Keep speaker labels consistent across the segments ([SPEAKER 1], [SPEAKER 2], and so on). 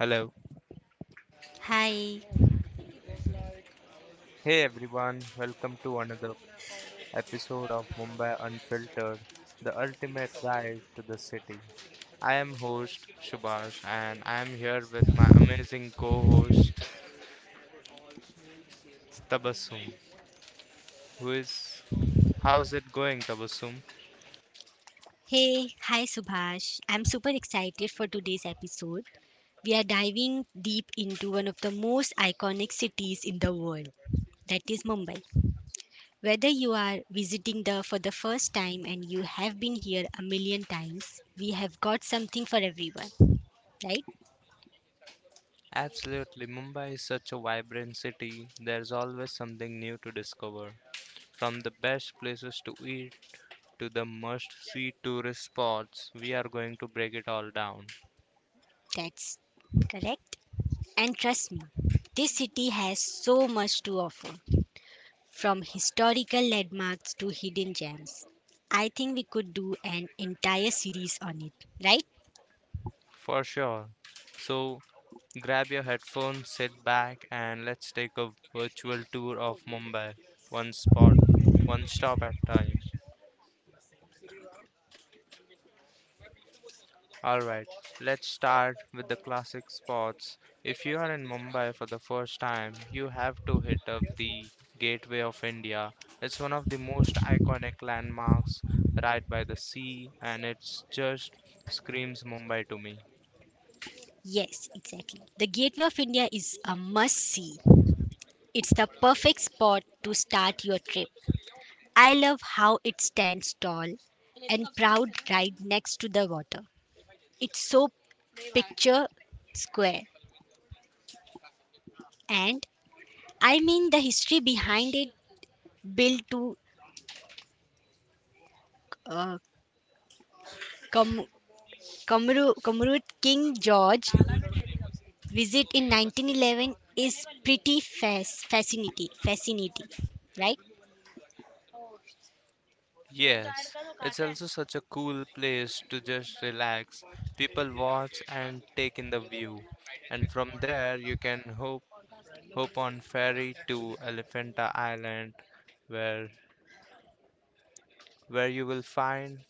[SPEAKER 1] Hello.
[SPEAKER 2] Hi.
[SPEAKER 1] Hey everyone, welcome to another episode of Mumbai Unfiltered, the ultimate guide to the city. I am host Shubhash and I am here with my amazing co-host Tabassum. Who is How's it going, Tabassum?
[SPEAKER 2] Hey, hi Subhash. I'm super excited for today's episode. We are diving deep into one of the most iconic cities in the world, that is Mumbai. Whether you are visiting the for the first time and you have been here a million times, we have got something for everyone, right?
[SPEAKER 1] Absolutely, Mumbai is such a vibrant city. There's always something new to discover. From the best places to eat to the must-see tourist spots, we are going to break it all down.
[SPEAKER 2] That's correct. And trust me, this city has so much to offer. From historical landmarks to hidden gems. I think we could do an entire series on it, right?
[SPEAKER 1] For sure. So, Grab your headphones, sit back, and let's take a virtual tour of Mumbai, one spot, one stop at a time. Alright, let's start with the classic spots. If you are in Mumbai for the first time, you have to hit up the Gateway of India. It's one of the most iconic landmarks right by the sea, and it just screams Mumbai to me.
[SPEAKER 2] Yes, exactly. The Gateway of India is a must see. It's the perfect spot to start your trip. I love how it stands tall and proud right next to the water. It's so picture square. And the history behind it built to uh, com- King George visit in 1911 is pretty fascinating, right?
[SPEAKER 1] Yes, it's also such a cool place to just relax, people watch, and take in the view. And from there you can hop on ferry to Elephanta Island where where you will find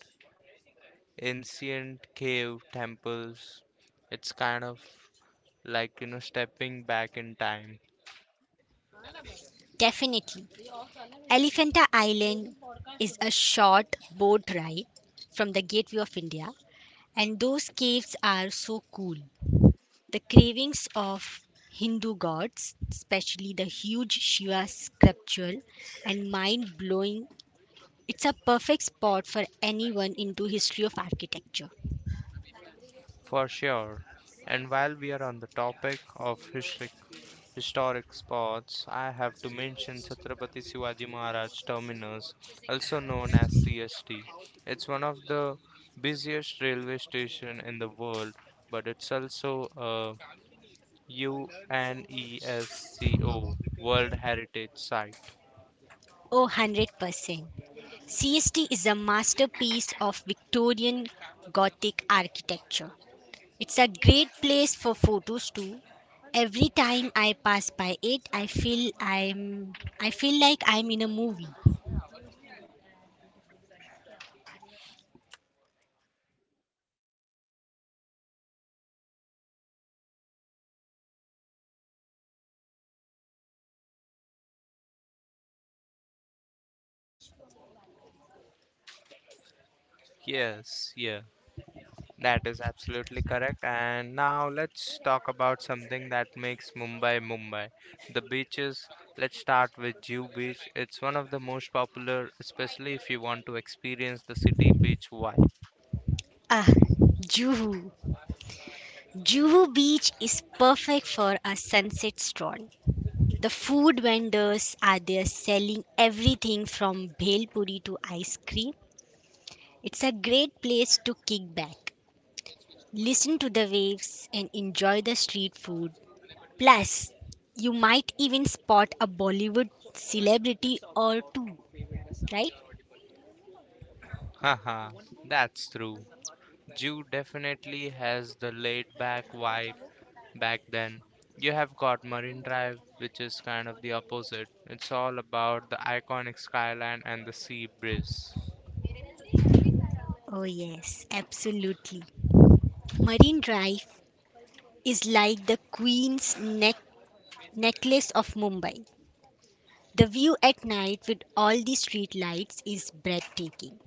[SPEAKER 1] ancient cave temples. It's kind of like stepping back in time.
[SPEAKER 2] Definitely. Elephanta Island is a short boat ride from the Gateway of India, and those caves are so cool. The cravings of Hindu gods, especially the huge Shiva sculpture, and mind blowing. It's a perfect spot for anyone into history of architecture.
[SPEAKER 1] For sure. And while we are on the topic of historic spots, I have to mention Chhatrapati Shivaji Maharaj Terminus, also known as CST. It's one of the busiest railway station in the world, but it's also a UNESCO World Heritage Site.
[SPEAKER 2] Oh, 100%. CST is a masterpiece of Victorian Gothic architecture. It's a great place for photos too. Every time I pass by it, I feel like I'm in a movie.
[SPEAKER 1] Yes, yes, that is absolutely correct. And now let's talk about something that makes Mumbai Mumbai. The beaches. Let's start with Jew Beach. It's one of the most popular, especially if you want to experience the city beach vibe.
[SPEAKER 2] Ah, Juhu. Juhu Beach is perfect for a sunset stroll. The food vendors are there selling everything from bhel puri to ice cream. It's a great place to kick back. Listen to the waves and enjoy the street food. Plus, you might even spot a Bollywood celebrity or two, right?
[SPEAKER 1] Haha, that's true. Jew definitely has the laid back vibe back then. You have got Marine Drive, which is kind of the opposite. It's all about the iconic skyline and the sea breeze.
[SPEAKER 2] Oh, yes, absolutely. Marine Drive is like the necklace of Mumbai. The view at night with all the street lights is breathtaking.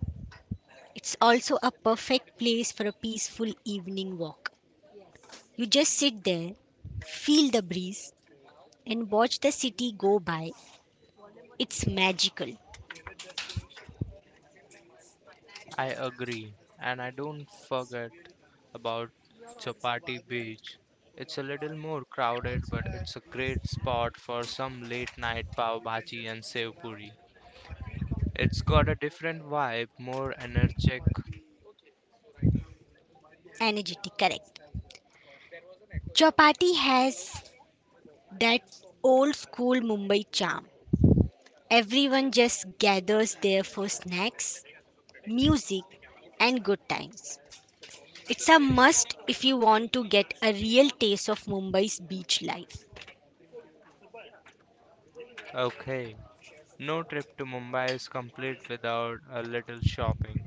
[SPEAKER 2] It's also a perfect place for a peaceful evening walk. You just sit there, feel the breeze, and watch the city go by. It's magical,
[SPEAKER 1] I agree. And I don't forget about Chapati Beach. It's a little more crowded, but it's a great spot for some late night pav bhaji and sev puri. It's got a different vibe, more energetic.
[SPEAKER 2] energetic, correct. Chapati has that old school Mumbai charm. Everyone just gathers there for snacks, music, and good times. It's a must if you want to get a real taste of Mumbai's beach life.
[SPEAKER 1] Okay, no trip to Mumbai is complete without a little shopping.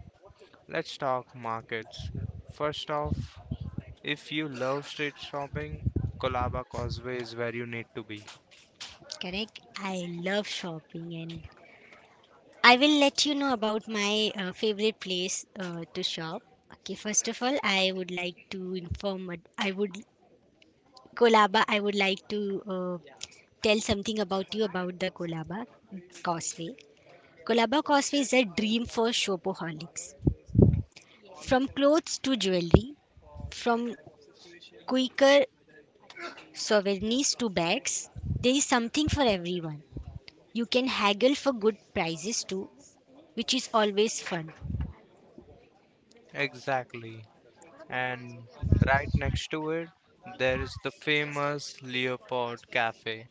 [SPEAKER 1] Let's talk markets. First off, if you love street shopping, Kolaba Causeway is where you need to be.
[SPEAKER 2] Correct? I love shopping and I will let you know about my favorite place to shop. Okay, first of all, I would like to inform, I would Kolaba, I would like to tell something about you about the Kolaba Causeway. Kolaba Causeway is a dream for shopaholics. From clothes to jewelry, from quicker souvenirs to bags, there is something for everyone. You can haggle for good prices too, which is always fun.
[SPEAKER 1] Exactly. And right next to it there is the famous Leopold Cafe.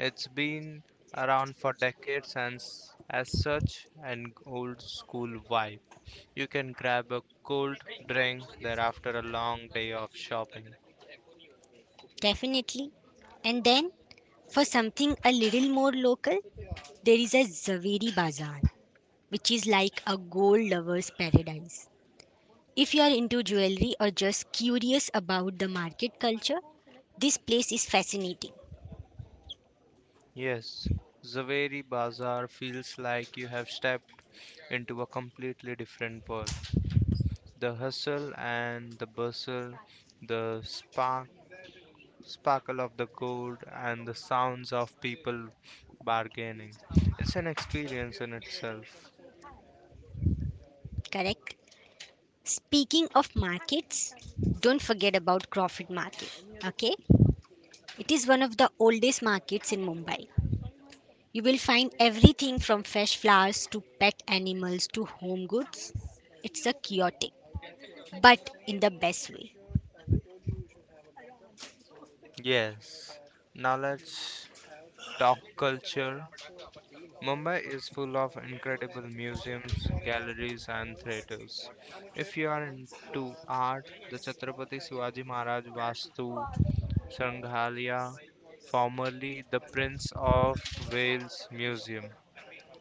[SPEAKER 1] It's been around for decades and as such an old school vibe. You can grab a cold drink there after a long day of shopping.
[SPEAKER 2] Definitely. And then, for something a little more local, there is a Zaveri Bazaar, which is like a gold lover's paradise. If you are into jewelry or just curious about the market culture, this place is fascinating,
[SPEAKER 1] Yes, Zaveri Bazaar feels like you have stepped into a completely different world. The hustle and the bustle, the sparkle of the gold, and the sounds of people bargaining. It's an experience in itself.
[SPEAKER 2] correct? Speaking of markets, don't forget about Crawford Market, okay? It is one of the oldest markets in Mumbai. You will find everything from fresh flowers to pet animals to home goods. It's a chaotic, but in the best way.
[SPEAKER 1] Yes. Now let's talk culture. Mumbai is full of incredible museums, galleries, and theatres. If you are into art, the Chhatrapati Shivaji Maharaj Vastu Sanghalia, formerly the Prince of Wales Museum,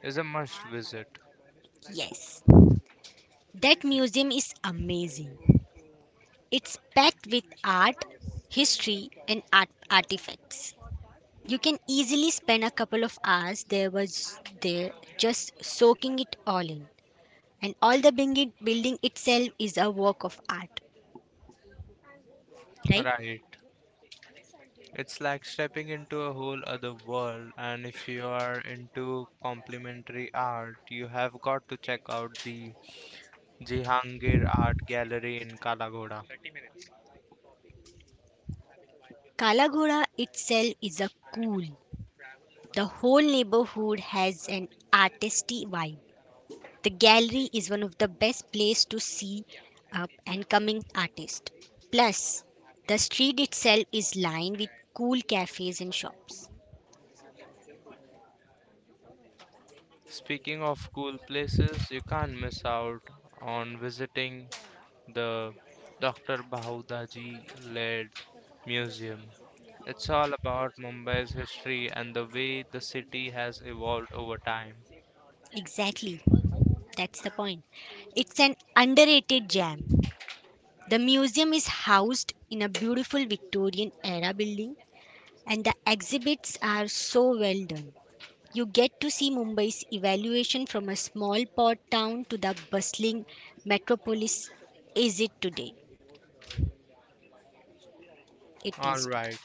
[SPEAKER 1] is a must visit.
[SPEAKER 2] Yes. That museum is amazing. It's packed with art, history, and art artifacts. You can easily spend a couple of hours there was there just soaking it all in. And all the building itself is a work of art, right?
[SPEAKER 1] Right. It's like stepping into a whole other world, and if you are into complementary art, you have got to check out the Jehangir Art Gallery in Kalagoda.
[SPEAKER 2] Kalagoda itself is a cool. The whole neighborhood has an artisty vibe. The gallery is one of the best places to see up and coming artists. Plus, the street itself is lined with cool cafes and shops.
[SPEAKER 1] Speaking of cool places, you can't miss out on visiting the Dr. Bahudaji led museum. It's all about Mumbai's history and the way the city has evolved over time.
[SPEAKER 2] Exactly. That's the point. It's an underrated gem. The museum is housed in a beautiful Victorian era building, and the exhibits are so well done. You get to see Mumbai's evaluation from a small port town to the bustling metropolis is it today. It
[SPEAKER 1] All
[SPEAKER 2] is today.
[SPEAKER 1] right,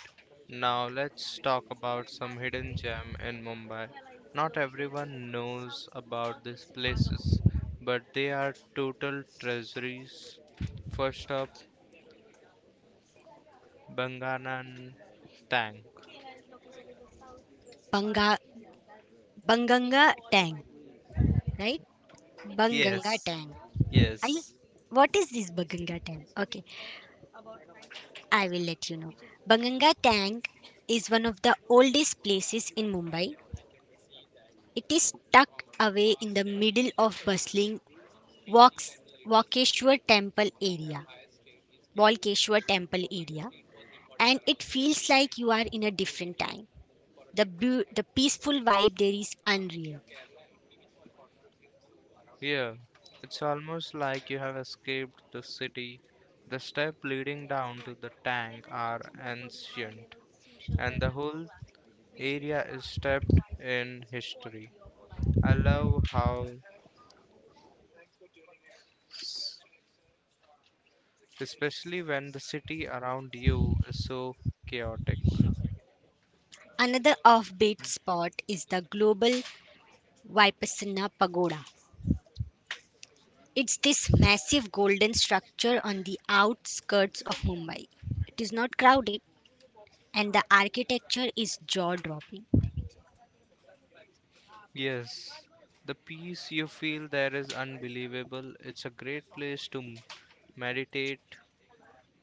[SPEAKER 1] now let's talk about some hidden gem in Mumbai. Not everyone knows about these places, but they are total treasuries. First up, Banganan Tank.
[SPEAKER 2] Banga, Banganga Tang, right? Banganga
[SPEAKER 1] Yes,
[SPEAKER 2] Tang. Are you,
[SPEAKER 1] yes.
[SPEAKER 2] what is this Banganga Tang? Okay. I will let you know. Banganga Tank is one of the oldest places in Mumbai. It is tucked away in the middle of bustling Waks- Walkeshwar Temple area, Walkeshwar Temple area, and it feels like you are in a different time. The peaceful vibe there is unreal.
[SPEAKER 1] Yeah, it's almost like you have escaped the city. The steps leading down to the tank are ancient, and the whole area is steeped in history. I love how, s- especially when the city around you is so chaotic.
[SPEAKER 2] Another offbeat spot is the Global Vipassana Pagoda. It's this massive golden structure on the outskirts of Mumbai. It is not crowded and the architecture is jaw dropping.
[SPEAKER 1] Yes, the peace you feel there is unbelievable. It's a great place to meditate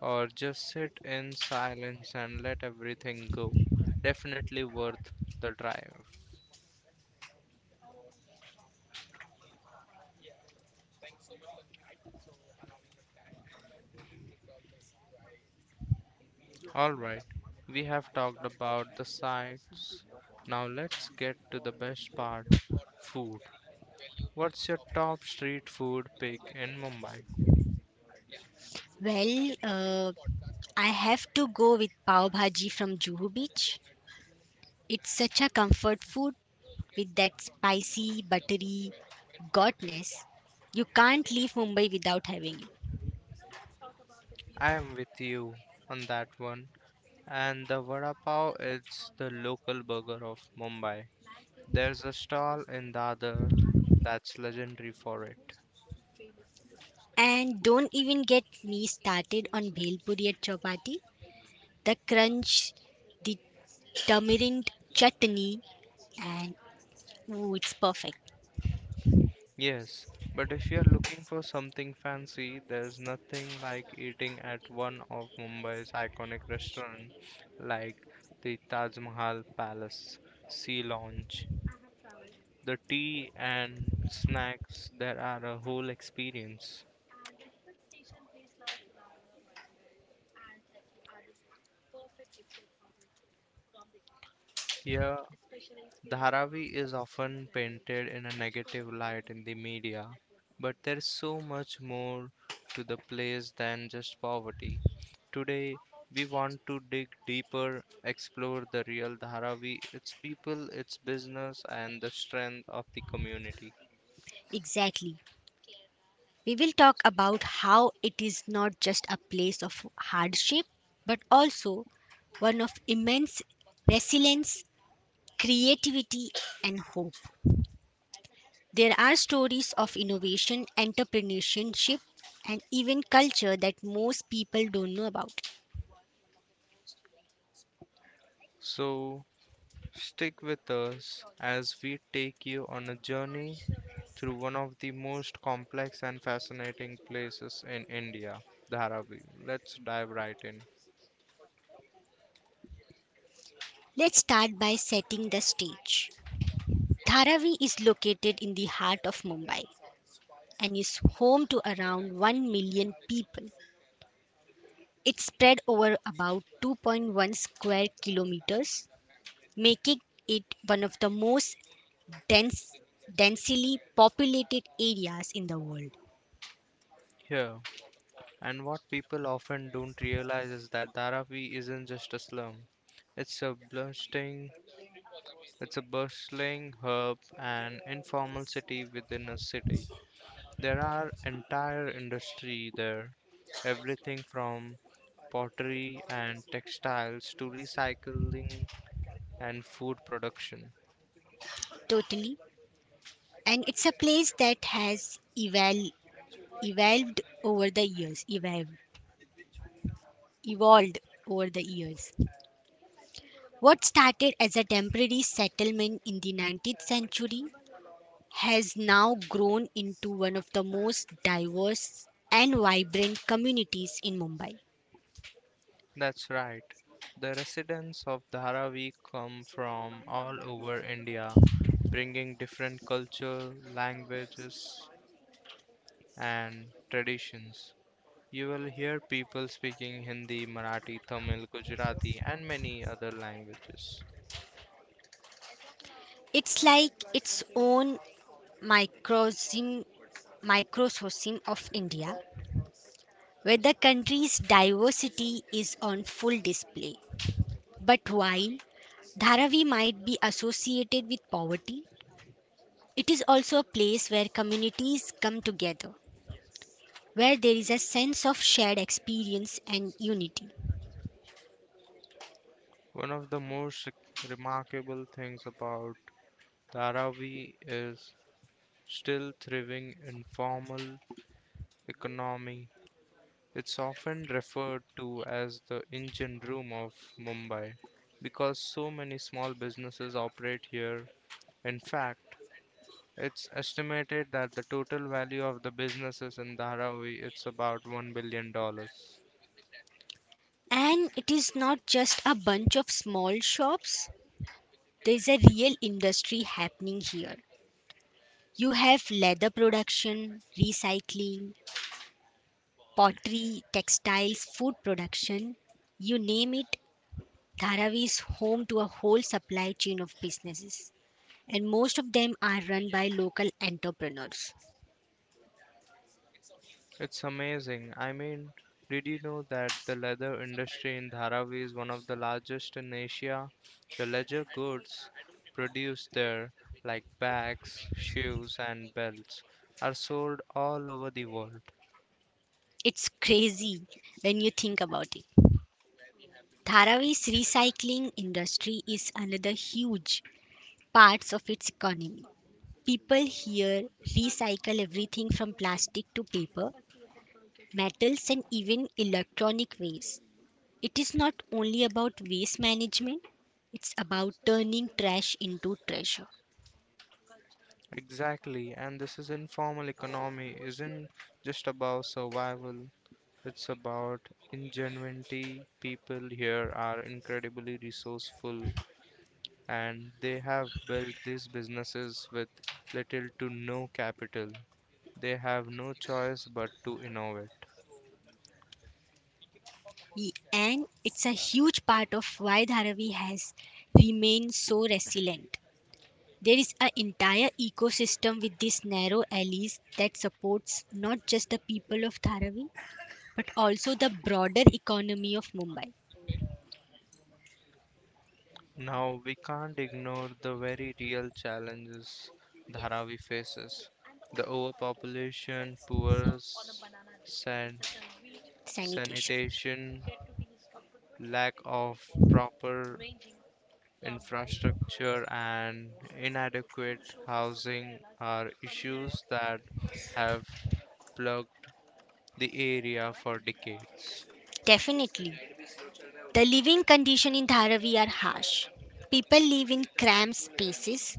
[SPEAKER 1] or just sit in silence and let everything go. Definitely worth the drive. Alright, we have talked about the sights. Now let's get to the best part, food. What's your top street food pick in Mumbai?
[SPEAKER 2] Well, I have to go with pav bhaji from Juhu Beach. It's such a comfort food with that spicy, buttery goodness. You can't leave Mumbai without having it.
[SPEAKER 1] I am with you on that one. And the vada pav, it's the local burger of Mumbai. There's a stall in Dadar that's legendary for it.
[SPEAKER 2] And don't even get me started on bhel puri at chapati. The crunch, the tamarind chutney, and oh, it's perfect.
[SPEAKER 1] Yes, but if you're looking for something fancy, there's nothing like eating at one of Mumbai's iconic restaurants like the Taj Mahal Palace, Sea Lounge. The tea and snacks there are a whole experience. Here Dharavi is often painted in a negative light in the media, but there's so much more to the place than just poverty. Today, we want to dig deeper, explore the real Dharavi, its people, its business, and the strength of the community.
[SPEAKER 2] Exactly. We will talk about how it is not just a place of hardship, but also one of immense resilience, creativity, and hope. There are stories of innovation, entrepreneurship, and even culture that most people don't know about.
[SPEAKER 1] So, stick with us as we take you on a journey through one of the most complex and fascinating places in India, Dharavi. Let's dive right in.
[SPEAKER 2] Let's start by setting the stage. Dharavi is located in the heart of Mumbai and is home to around 1 million people. It spread over about 2.1 square kilometers, making it one of the most dense, densely populated areas in the world.
[SPEAKER 1] Yeah, and what people often don't realize is that Dharavi isn't just a slum. It's a bustling, it's a bustling hub and informal city within a city. There are entire industry there, everything from pottery and textiles to recycling and food production.
[SPEAKER 2] Totally. And it's a place that has evolved over the years. Evolved over the years. What started as a temporary settlement in the 19th century has now grown into one of the most diverse and vibrant communities in Mumbai.
[SPEAKER 1] That's right. The residents of Dharavi come from all over India bringing different culture, languages, and traditions. You will hear people speaking Hindi, Marathi, Tamil, Gujarati, and many other languages.
[SPEAKER 2] It's like its own microcosm, microcosm of India, where the country's diversity is on full display. But while Dharavi might be associated with poverty, it is also a place where communities come together, where there is a sense of shared experience and unity.
[SPEAKER 1] One of the most remarkable things about Dharavi is still thriving informal economy. It's often referred to as the engine room of Mumbai because so many small businesses operate here. In fact, it's estimated that the total value of the businesses in Dharavi it's about 1 billion dollars.
[SPEAKER 2] And it is not just a bunch of small shops, there is a real industry happening here. You have leather production, recycling, pottery, textiles, food production, you name it, Dharavi is home to a whole supply chain of businesses. And most of them are run by local entrepreneurs.
[SPEAKER 1] It's amazing. I mean, did you know that the leather industry in Dharavi is one of the largest in Asia? The leather goods produced there, like bags, shoes, and belts, are sold all over the world.
[SPEAKER 2] It's crazy when you think about it. Dharavi's recycling industry is another huge part of its economy. People here recycle everything from plastic to paper, metals, and even electronic waste. It is not only about waste management, it's about turning trash into treasure.
[SPEAKER 1] Exactly, and this is informal economy isn't just about survival. It's about ingenuity. People here are incredibly resourceful and they have built these businesses with little to no capital. They have no choice but to innovate.
[SPEAKER 2] And it's a huge part of why Dharavi has remained so resilient. There is an entire ecosystem with these narrow alleys that supports not just the people of Dharavi, but also the broader economy of Mumbai.
[SPEAKER 1] Now, we can't ignore the very real challenges Dharavi faces the overpopulation, poor san-
[SPEAKER 2] Sanitation.
[SPEAKER 1] sanitation, lack of proper infrastructure, and inadequate housing are issues that have plagued the area for decades.
[SPEAKER 2] Definitely. The living conditions in Dharavi are harsh. People live in cramped spaces,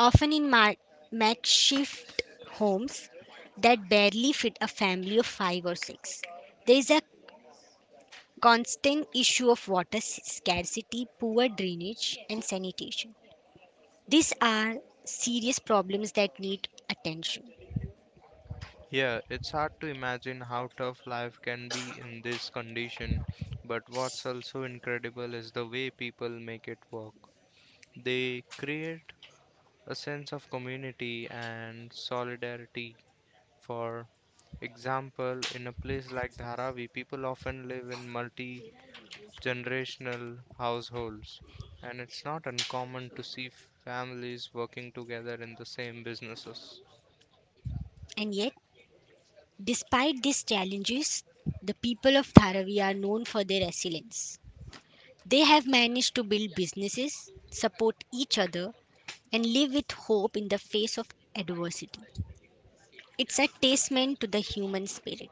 [SPEAKER 2] often in makeshift homes that barely fit a family of five or six. There is a constant issue of water scarcity, poor drainage, and sanitation. These are serious problems that need attention.
[SPEAKER 1] Yeah, it's hard to imagine how tough life can be in this condition, but what's also incredible is the way people make it work. They create a sense of community and solidarity. For example, in a place like Dharavi, people often live in multi generational households, and it's not uncommon to see families working together in the same businesses.
[SPEAKER 2] And yet, despite these challenges, the people of Dharavi are known for their resilience. They have managed to build businesses, support each other, and live with hope in the face of adversity. It's a testament to the human spirit.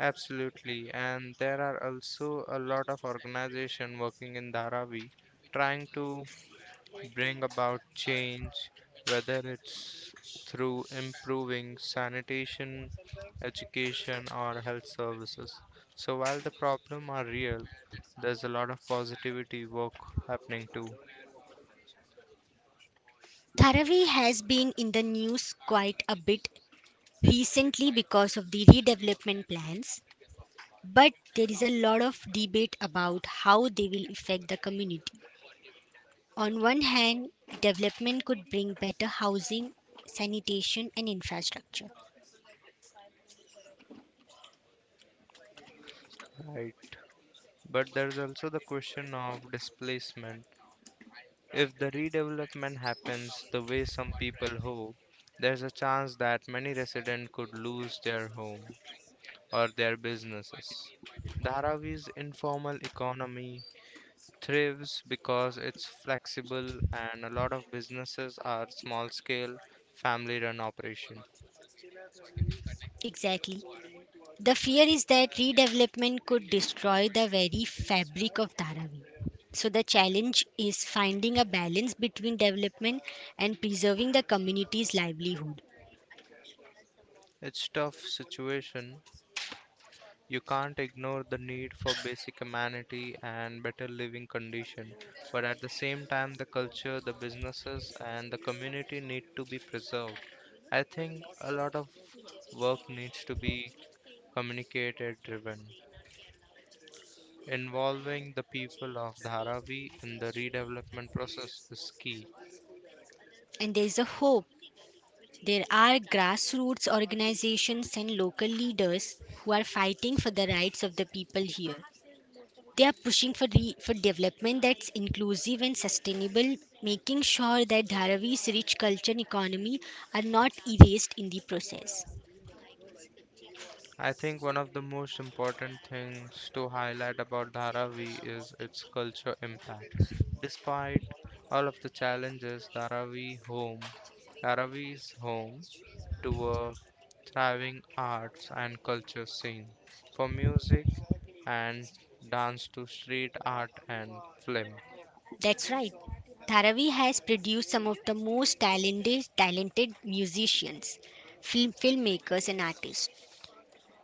[SPEAKER 1] Absolutely, and there are also a lot of organization working in Dharavi trying to bring about change, whether it's through improving sanitation, education, or health services. So while the problem are real, there's a lot of positivity work happening too,
[SPEAKER 2] Dharavi has been in the news quite a bit recently because of the redevelopment plans, but there is a lot of debate about how they will affect the community. On one hand, development could bring better housing, sanitation, and infrastructure.
[SPEAKER 1] right? But there's also the question of displacement. If the redevelopment happens the way some people hope, there's a chance that many residents could lose their homes or their businesses. Dharavi's informal economy thrives because it's flexible and a lot of businesses are small scale, family run operation.
[SPEAKER 2] Exactly. The fear is that redevelopment could destroy the very fabric of Dharavi. So the challenge is finding a balance between development and preserving the community's livelihood.
[SPEAKER 1] It's tough situation. You can't ignore the need for basic amenity and better living condition, but at the same time the culture, the businesses and the community need to be preserved. I think a lot of work needs to be communicated driven. Involving the people of Dharavi in the redevelopment process is key.
[SPEAKER 2] And there is a hope. There are grassroots organizations and local leaders who are fighting for the rights of the people here. They are pushing for, for development that's inclusive and sustainable, making sure that Dharavi's rich culture and economy are not erased in the process.
[SPEAKER 1] I think one of the most important things to highlight about Dharavi is its culture impact. Despite all of the challenges, Dharavi is home to a thriving arts and culture scene, from music and dance to street art and film.
[SPEAKER 2] That's right. Dharavi has produced some of the most talented musicians, filmmakers, and artists.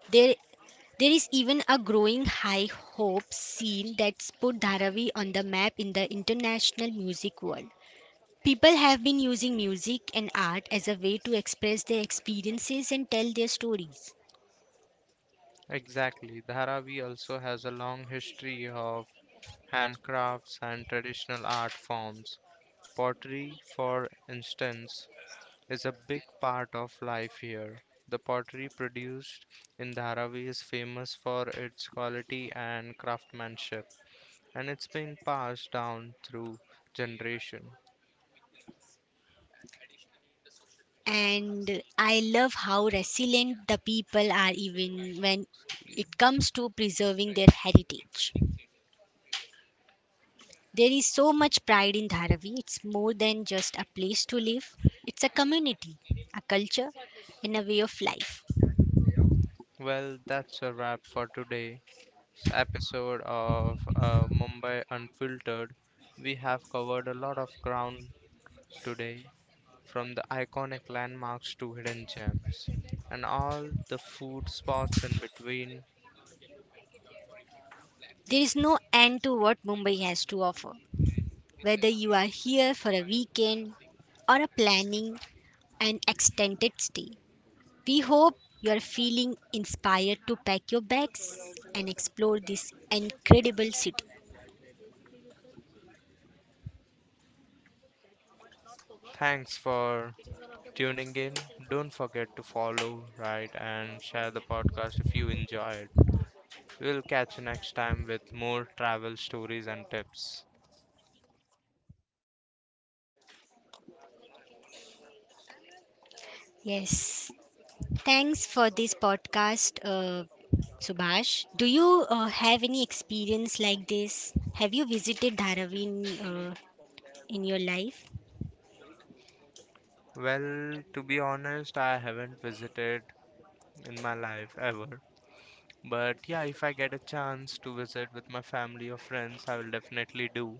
[SPEAKER 2] There, there is even a growing high hope scene that's put Dharavi on the map in the international music world. People have been using music and art as a way to express their experiences and tell their stories.
[SPEAKER 1] Exactly. Dharavi also has a long history of handcrafts and traditional art forms. Pottery, for instance, is a big part of life here. The pottery produced in Dharavi is famous for its quality and craftsmanship, and it's been passed down through generation.
[SPEAKER 2] And I love how resilient the people are, even when it comes to preserving their heritage. There is so much pride in Dharavi. It's more than just a place to live, it's a community, a culture, and a way of life.
[SPEAKER 1] Well, that's a wrap for today. Episode of Mumbai Unfiltered, we have covered a lot of ground today, from the iconic landmarks to hidden gems, and all the food spots in between.
[SPEAKER 2] There is no end to what Mumbai has to offer. Whether you are here for a weekend or are planning an extended stay, we hope you are feeling inspired to pack your bags and explore this incredible city.
[SPEAKER 1] Thanks for tuning in. Don't forget to follow, write, and share the podcast if you enjoyed. We'll catch you next time with more travel stories and tips.
[SPEAKER 2] Yes, thanks for this podcast, Subhash. Do you have any experience like this? Have you visited Dharavi in your life?
[SPEAKER 1] Well, to be honest, I haven't visited in my life ever. But yeah, if I get a chance to visit with my family or friends, I will definitely do.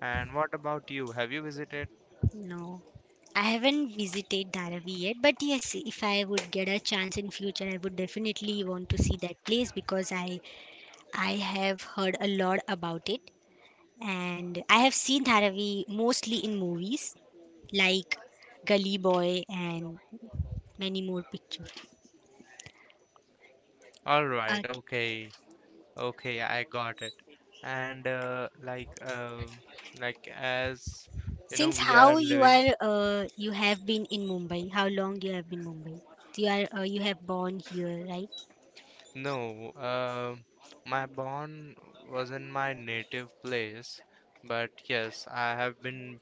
[SPEAKER 1] And what about you? Have you visited?
[SPEAKER 2] No. I haven't visited Dharavi yet, but yes, if I would get a chance in future, I would definitely want to see that place because I have heard a lot about it, and I have seen Dharavi mostly in movies like Gully Boy and many more pictures.
[SPEAKER 1] All
[SPEAKER 2] Okay.
[SPEAKER 1] right, okay. Okay, I got it. And like as you know,
[SPEAKER 2] Since
[SPEAKER 1] we are
[SPEAKER 2] how you
[SPEAKER 1] living.
[SPEAKER 2] are you have been in Mumbai? How long you have been Mumbai? You are you have born here, right?
[SPEAKER 1] No, my born was in my native place, but yes, I have been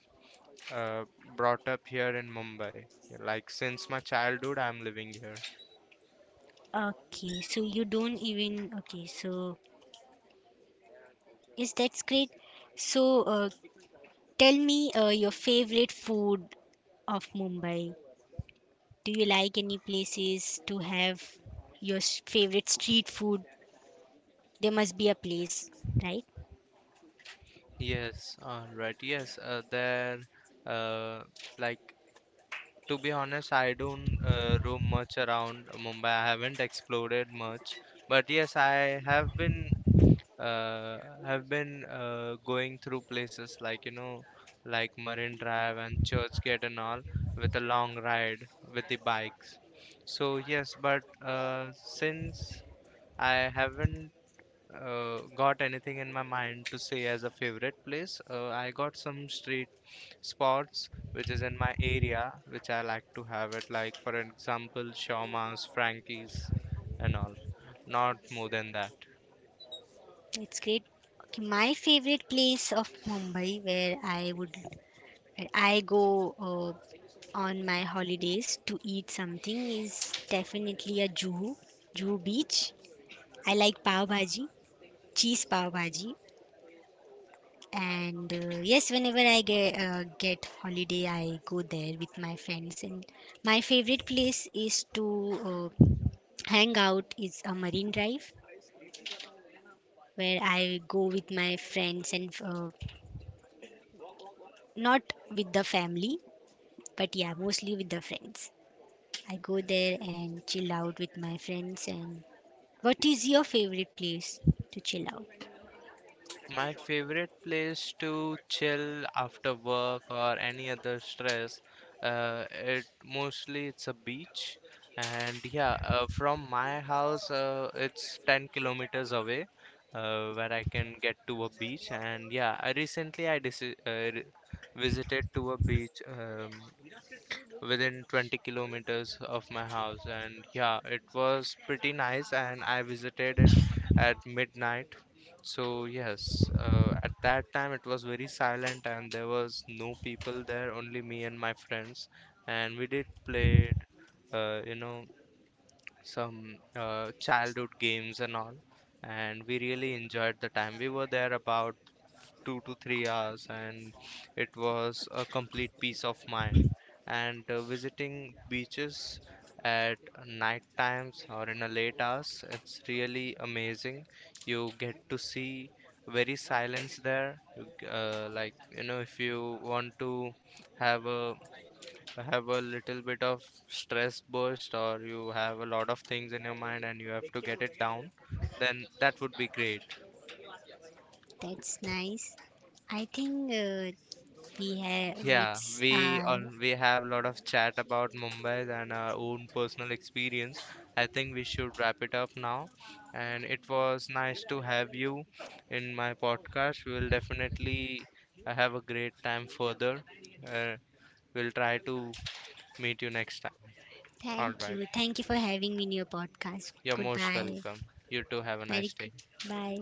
[SPEAKER 1] uh, brought up here in Mumbai. Like since my childhood, I'm living here.
[SPEAKER 2] Okay, so you don't even okay. So yes, that's great. So tell me your favorite food of Mumbai. Do you like any places to have your favorite street food? There must be a place, right?
[SPEAKER 1] Yes, all right. Yes, uh, like, to be honest, I don't roam much around Mumbai. I haven't explored much, but yes, I uh, have been going through places like, you know, like Marine Drive and Churchgate and all with a long ride with the bikes. So yes, but since I haven't got anything in my mind to say as a favorite place. I got some street spots which is in my area which I like to have it, like for example Shawma's, Frankie's and all. Not more than that.
[SPEAKER 2] That's great. Okay, my favorite place of Mumbai where I go uh, on my holidays to eat something is definitely a Juhu Beach. I like pav bhaji, cheese pav bhaji, and yes, whenever I get holiday, I go there with my friends. And my favorite place is to uh, hang out is a Marine Drive where I go with my friends and not with the family, but yeah, mostly with the friends. I go there and chill out with my friends. And what is your favorite place to chill out?
[SPEAKER 1] My favorite place to chill after work or any other stress, it mostly it's a beach, and yeah, from my house, it's 10 kilometers away, where I can get to a beach. And yeah, I recently visited to a beach. Within 20 kilometers of my house, and yeah, it was pretty nice and I visited it at midnight. So yes, at that time it was very silent and there was no people there, only me and my friends, and we did play uh, you know some childhood games and all, and we really enjoyed the time. We were there about 2 to 3 hours, and it was a complete peace of mind. And visiting beaches at night times or in a late hours, it's really amazing. You get to see very silence there. Like, you know, if you want to have a little bit of stress burst or you have a lot of things in your mind and you have to get it down, then that would be great.
[SPEAKER 2] That's nice. I think we have
[SPEAKER 1] Yeah,
[SPEAKER 2] it's
[SPEAKER 1] we all we have a lot of chat about Mumbai and our own personal experience. I think we should wrap it up now. And it was nice to have you in my podcast. We will definitely have a great time further. Uh, we'll try to meet you next time. All
[SPEAKER 2] thank
[SPEAKER 1] right.
[SPEAKER 2] you. Thank you for having me in your podcast.
[SPEAKER 1] You're most
[SPEAKER 2] Goodbye.
[SPEAKER 1] welcome. You too have a
[SPEAKER 2] Very
[SPEAKER 1] nice
[SPEAKER 2] good.
[SPEAKER 1] day.
[SPEAKER 2] Bye.